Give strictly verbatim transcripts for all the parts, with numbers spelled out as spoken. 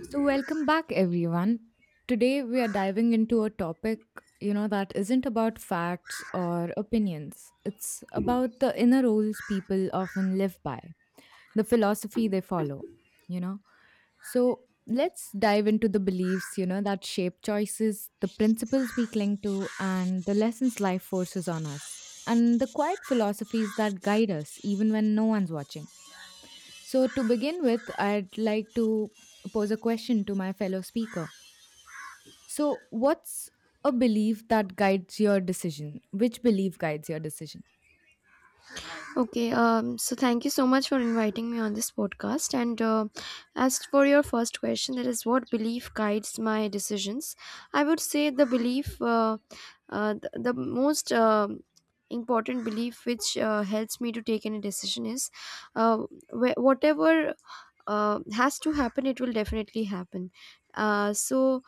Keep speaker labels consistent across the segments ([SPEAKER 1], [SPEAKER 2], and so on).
[SPEAKER 1] So welcome back everyone. Today we are diving into a topic, you know, that isn't about facts or opinions. It's about the inner rules people often live by, the philosophy they follow, you know. So let's dive into the beliefs, you know, that shape choices, the principles we cling to and the lessons life forces on us. And the quiet philosophies that guide us even when no one's watching. So to begin with, I'd like to pose a question to my fellow speaker. So, what's a belief that guides your decision? Which belief guides your decision?
[SPEAKER 2] Okay, um, so thank you so much for inviting me on this podcast. And uh, As for your first question, that is what belief guides my decisions. I would say the belief, uh, uh, the, the most um important belief which uh, helps me to take any decision is uh, wh- whatever uh, has to happen, it will definitely happen. Uh, so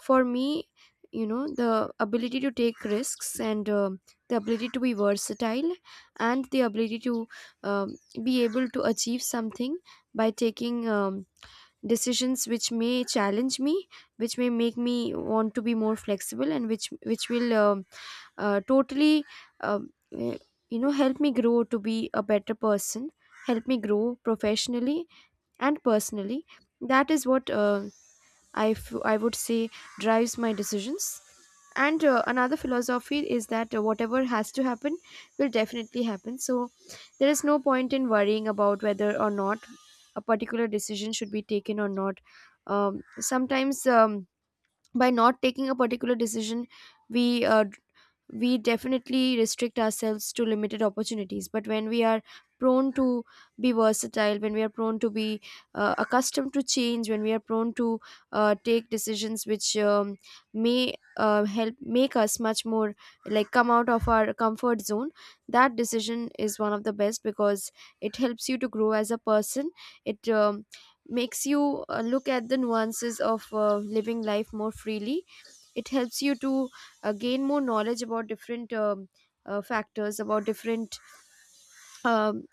[SPEAKER 2] for me, you know, the ability to take risks, and um the ability to be versatile, and the ability to, um, be able to achieve something by taking, um, decisions which may challenge me, which may make me want to be more flexible, and which which will um uh, totally um, eh, you know, help me grow to be a better person, help me grow professionally and personally. That is what, uh, I f- I would say, drives my decisions. And uh, Another philosophy is that, uh, whatever has to happen will definitely happen. So there is no point in worrying about whether or not a particular decision should be taken or not. Um, sometimes, um, by not taking a particular decision, we uh, we definitely restrict ourselves to limited opportunities. But when we are prone to be versatile, when we are prone to be uh, accustomed to change, when we are prone to uh, take decisions which, um, may uh, help make us much more, like, come out of our comfort zone, that decision is one of the best, because it helps you to grow as a person. It um, makes you uh, look at the nuances of uh, living life more freely. It helps you to uh, gain more knowledge about different, um, uh, factors, about different, um,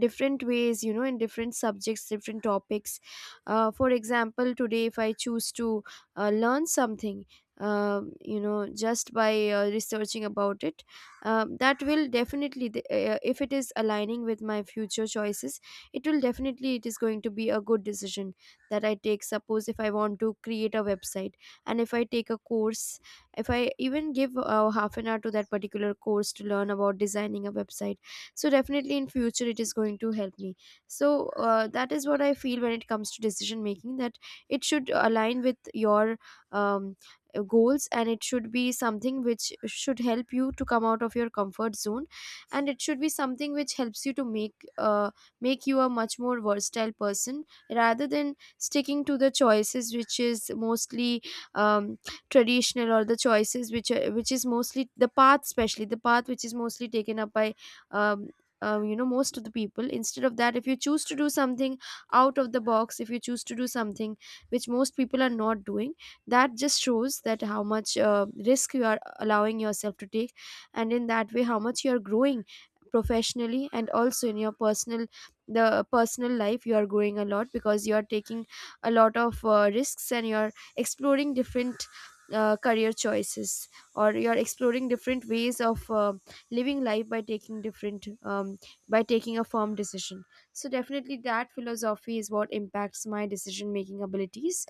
[SPEAKER 2] different ways, you know, in different subjects, different topics. Uh, for example, today if I choose to uh, learn something, um, you know, just by uh, researching about it, um, that will definitely th- uh, if it is aligning with my future choices, it will definitely, it is going to be a good decision that I take. Suppose if I want to create a website, and if I take a course, if I even give uh, half an hour to that particular course to learn about designing a website, so definitely in future it is going to help me. So uh, that is what I feel when it comes to decision making, that it should align with your, um, uh, goals, and it should be something which should help you to come out of your comfort zone, and it should be something which helps you to make uh, make you a much more versatile person, rather than sticking to the choices which is mostly, um, traditional, or the choices which are, which is mostly the path, especially the path which is mostly taken up by, um, uh, you know, most of the people. Instead of that, if you choose to do something out of the box, if you choose to do something which most people are not doing, that just shows that how much uh, risk you are allowing yourself to take, and in that way how much you are growing professionally, and also in your personal the personal life you are growing a lot, because you are taking a lot of uh, risks, and you are exploring different uh, career choices, or you are exploring different ways of uh, living life by taking different, um, by taking a firm decision. So definitely that philosophy is what impacts my decision making abilities.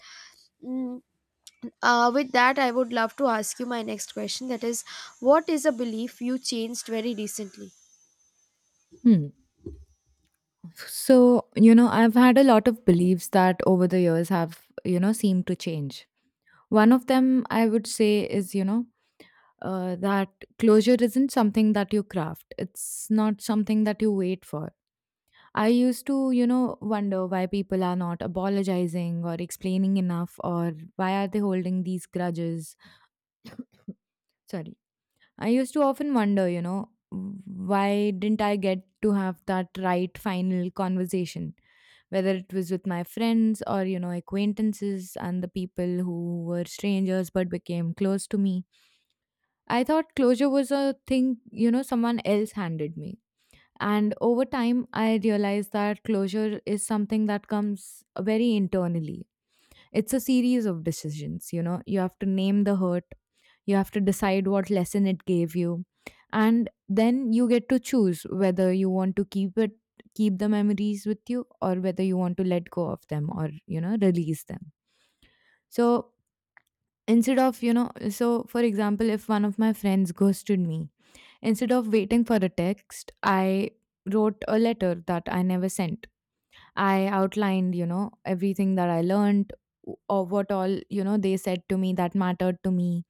[SPEAKER 2] Mm, uh, with that, I would love to ask you my next question, that is, what is a belief you changed very recently?
[SPEAKER 1] Hmm. So, you know, I've had a lot of beliefs that over the years have, you know, seemed to change. One of them I would say is, you know, uh, that closure isn't something that you craft, it's not something that you wait for. I used to, you know, wonder why people are not apologizing or explaining enough or why are they holding these grudges. Sorry. I used to often wonder, you know, why didn't I get to have that right final conversation? Whether it was with my friends or, you know, acquaintances and the people who were strangers but became close to me. I thought closure was a thing, you know, someone else handed me. And over time, I realized that closure is something that comes very internally. It's a series of decisions, you know. You have to name the hurt, you have to decide what lesson it gave you, and then you get to choose whether you want to keep it keep the memories with you or whether you want to let go of them or, you know, release them. So, instead of, you know, so for example, if one of my friends ghosted me, instead of waiting for a text, I wrote a letter that I never sent. I outlined, you know, everything that I learned, w- or what all, you know, they said to me that mattered to me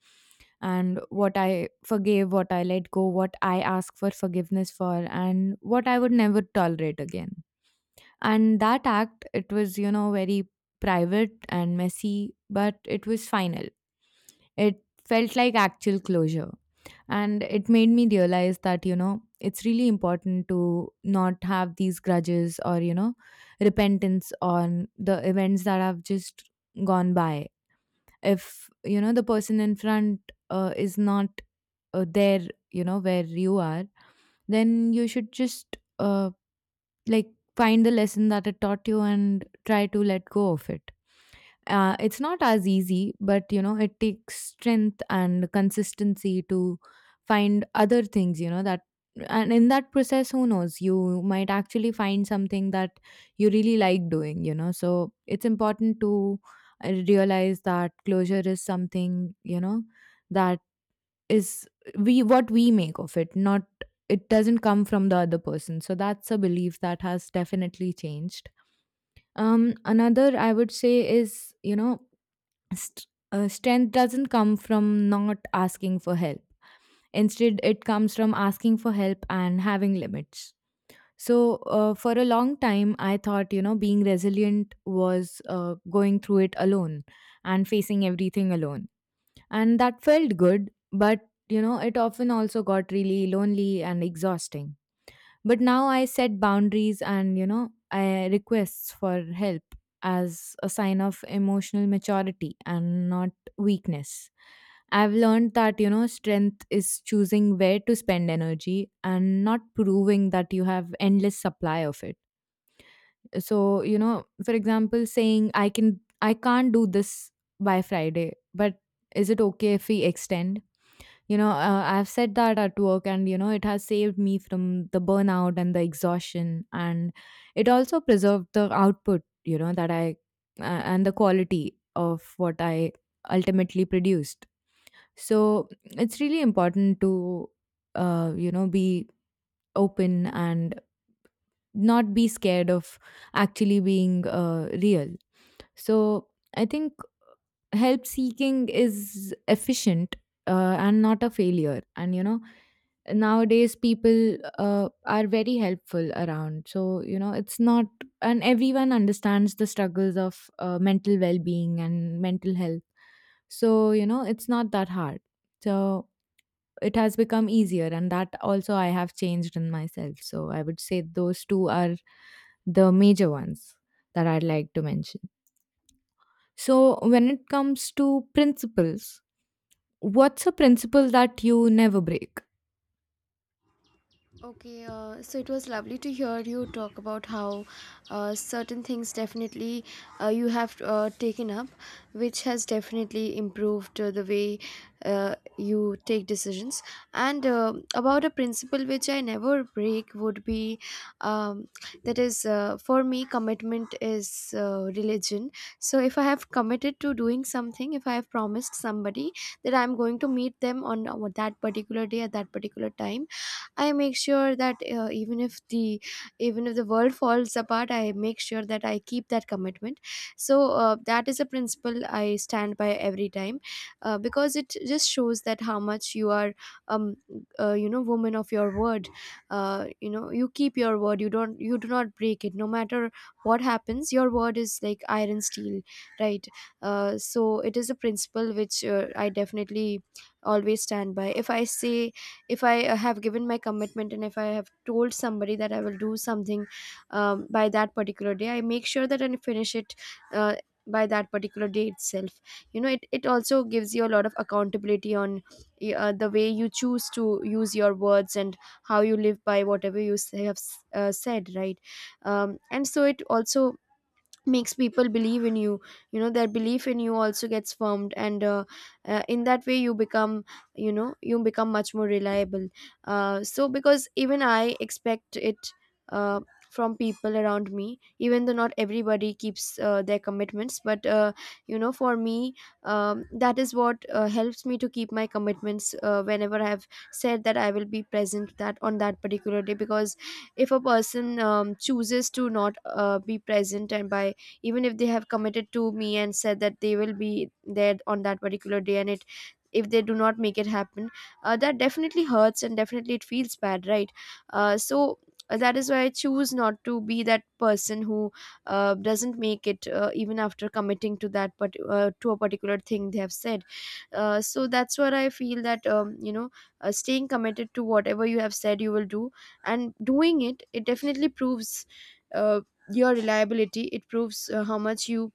[SPEAKER 1] and what I forgave, what I let go, what I ask for forgiveness for and what I would never tolerate again. And that act, it was, you know, very private and messy, but it was final. It felt like actual closure, and it made me realize that you know it's really important to not have these grudges or you know repentance on the events that have just gone by. If you know the person in front uh, is not uh, there, you know where you are, then you should just uh, like find the lesson that it taught you and try to let go of it. Uh, it's not as easy, but you know it takes strength and consistency to find other things you know that and in that process, who knows, you might actually find something that you really like doing you know so it's important to uh, realize that closure is something you know that is we what we make of it. Not, it doesn't come from the other person. So that's a belief that has definitely changed. Um another I would say is you know st- uh, strength doesn't come from not asking for help. Instead it comes from asking for help and having limits. So uh, for a long time I thought you know being resilient was uh, going through it alone and facing everything alone, and that felt good, but you know, it often also got really lonely and exhausting. But now I set boundaries, and you know, I requests for help as a sign of emotional maturity and not weakness. I've learned that you know, strength is choosing where to spend energy and not proving that you have endless supply of it. So, you know, for example, saying I can I can't do this by Friday, but is it okay if we extend? You know, uh, I've said that at work, and you know, it has saved me from the burnout and the exhaustion, and it also preserved the output, you know, that I uh, and the quality of what I ultimately produced. So it's really important to, uh, you know, be open and not be scared of actually being uh, real. So I think help seeking is efficient uh, and not a failure. And you know, nowadays people uh, are very helpful around, so you know it's not. And everyone understands the struggles of uh, mental well-being and mental health, so you know it's not that hard. So it has become easier, and that also I have changed in myself. So I would say those two are the major ones that I'd like to mention. So when it comes to principles, what's a principle that you never break?
[SPEAKER 2] Okay, uh, so it was lovely to hear you talk about how uh, certain things definitely, uh, you have uh, taken up, which has definitely improved uh, the way uh, you take decisions. And uh, About a principle which I never break would be, um, that is, uh, for me, commitment is uh, religion. So if I have committed to doing something, if I have promised somebody that I'm going to meet them on uh, that particular day at that particular time, I make sure that uh, even if the even if the world falls apart, I make sure that I keep that commitment. So uh, that is a principle I stand by every time, uh, because it just shows that how much you are, um uh, you know, woman of your word. Uh, you know, you keep your word, you don't you do not break it, no matter what happens. Your word is like iron steel, right? Uh, so it is a principle which, uh, I definitely always stand by. If i say if i uh, have given my commitment, and if I have told somebody that I will do something um, by that particular day, I make sure that I finish it uh, by that particular day itself. You know it, it also gives you a lot of accountability on uh, the way you choose to use your words, and how you live by whatever you s- have s- uh, said, right? Um, and so it also makes people believe in you, you know, their belief in you also gets firmed, and uh, uh, in that way you become, you know, you become much more reliable. Uh, so, because even I expect it uh, from people around me, even though not everybody keeps uh, their commitments. But uh, you know, for me, um, that is what uh, helps me to keep my commitments uh, whenever I have said that I will be present, that on that particular day. Because if a person, um, chooses to not uh, be present, and by, even if they have committed to me and said that they will be there on that particular day, and it, if they do not make it happen, uh, that definitely hurts, and definitely it feels bad, right? Uh, so uh, that is why I choose not to be that person who uh, doesn't make it, uh, even after committing to that but uh, to a particular thing they have said. Uh, so that's what I feel, that um, you know, uh, staying committed to whatever you have said you will do, and doing it, it definitely proves uh, your reliability. It proves uh, how much you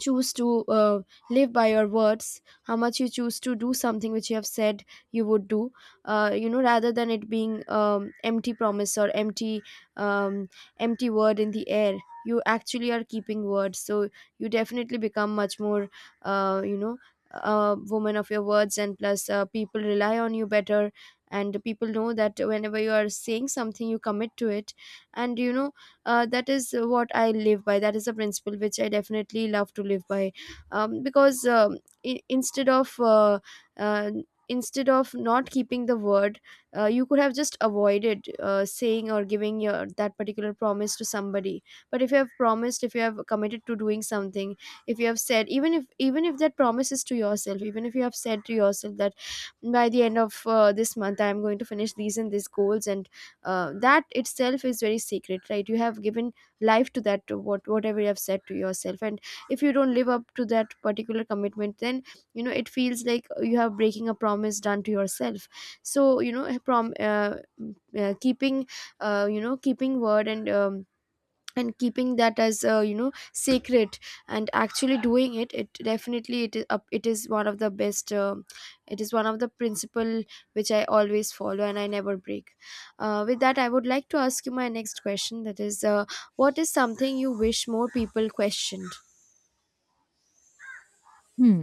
[SPEAKER 2] choose to uh, live by your words, how much you choose to do something which you have said you would do, uh, you know, rather than it being, um, empty promise, or empty, um, empty word in the air. You actually are keeping words. So you definitely become much more, uh, you know, a woman of your words, and plus uh, people rely on you better, and people know that whenever you are saying something, you commit to it. And you know, uh, that is what I live by. That is a principle which I definitely love to live by, um, because um, i- instead of uh, uh, instead of not keeping the word, uh, you could have just avoided uh, saying or giving your that particular promise to somebody. But if you have promised, if you have committed to doing something, if you have said, even if even if that promise is to yourself, even if you have said to yourself that by the end of uh, this month I am going to finish these and these goals, and uh, that itself is very sacred, right? You have given life to that, to what, whatever you have said to yourself. And if you don't live up to that particular commitment, then you know, it feels like you are breaking a promise done to yourself. So you know, prom uh, mm, uh, keeping, uh, you know, keeping word, and um, and keeping that as, uh, you know, sacred, and actually doing it, it definitely it is up it is one of the best um it is one of the principle which I always follow and I never break. Uh, with that, I would like to ask you my next question, that is, uh, what is something you wish more people questioned?
[SPEAKER 1] Hmm.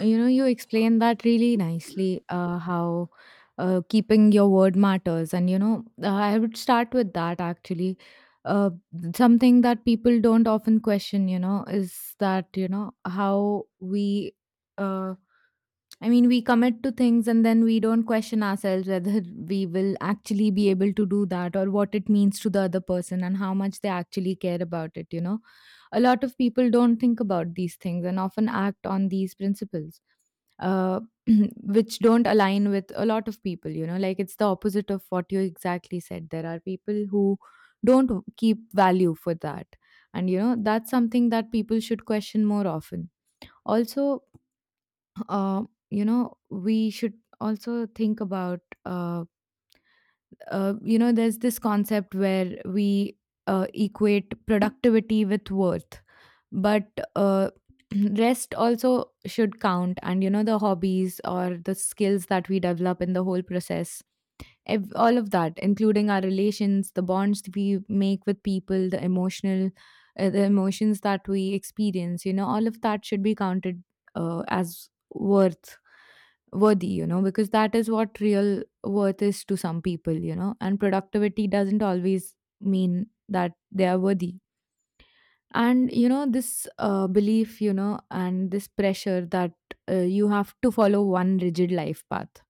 [SPEAKER 1] You know, you explained that really nicely, uh, how uh, keeping your word matters. And, you know, uh, I would start with that actually. Uh, Something that people don't often question, you know, is that, you know, how we. Uh, I mean, we commit to things and then we don't question ourselves whether we will actually be able to do that or what it means to the other person and how much they actually care about it, you know. A lot of people don't think about these things and often act on these principles, uh, which don't align with a lot of people, you know. Like it's the opposite of what you exactly said. There are people who don't keep value for that. And, you know, that's something that people should question more often. Also, uh, you know we should also think about. uh, uh, you know there's this concept where we uh, equate productivity with worth, but uh, rest also should count. And you know the hobbies or the skills that we develop in the whole process, ev- all of that, including our relations, the bonds that we make with people, the emotional, uh, the emotions that we experience. You know, all of that should be counted uh, as worth worthy you know because that is what real worth is to some people you know and productivity doesn't always mean that they are worthy. And you know this uh, belief you know and this pressure that uh, you have to follow one rigid life path.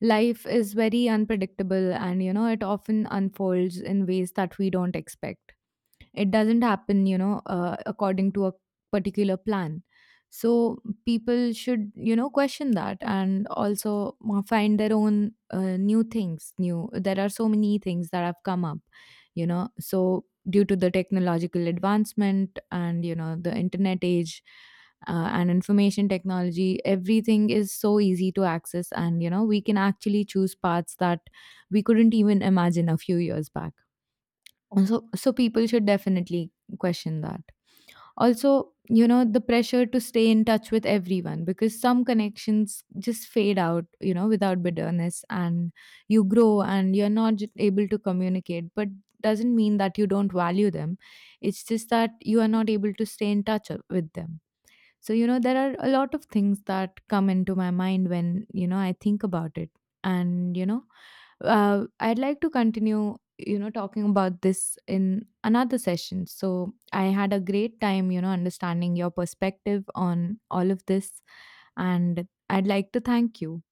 [SPEAKER 1] Life is very unpredictable, and you know it often unfolds in ways that we don't expect. It doesn't happen, you know, uh, according to a particular plan. So people should, you know, question that and also uh, find their own uh, new things. New There are so many things that have come up, you know. So due to the technological advancement and you know the internet age, uh, and information technology, everything is so easy to access, and you know we can actually choose paths that we couldn't even imagine a few years back. Uh, So, so people should definitely question that. Also, you know, the pressure to stay in touch with everyone, because some connections just fade out, you know, without bitterness, and you grow and you're not just able to communicate, but doesn't mean that you don't value them. It's just that you are not able to stay in touch o- with them. So, you know, there are a lot of things that come into my mind when, you know, I think about it. And, you know, uh, I'd like to continue, you know, talking about this in another session. So I had a great time, you know, understanding your perspective on all of this, and I'd like to thank you.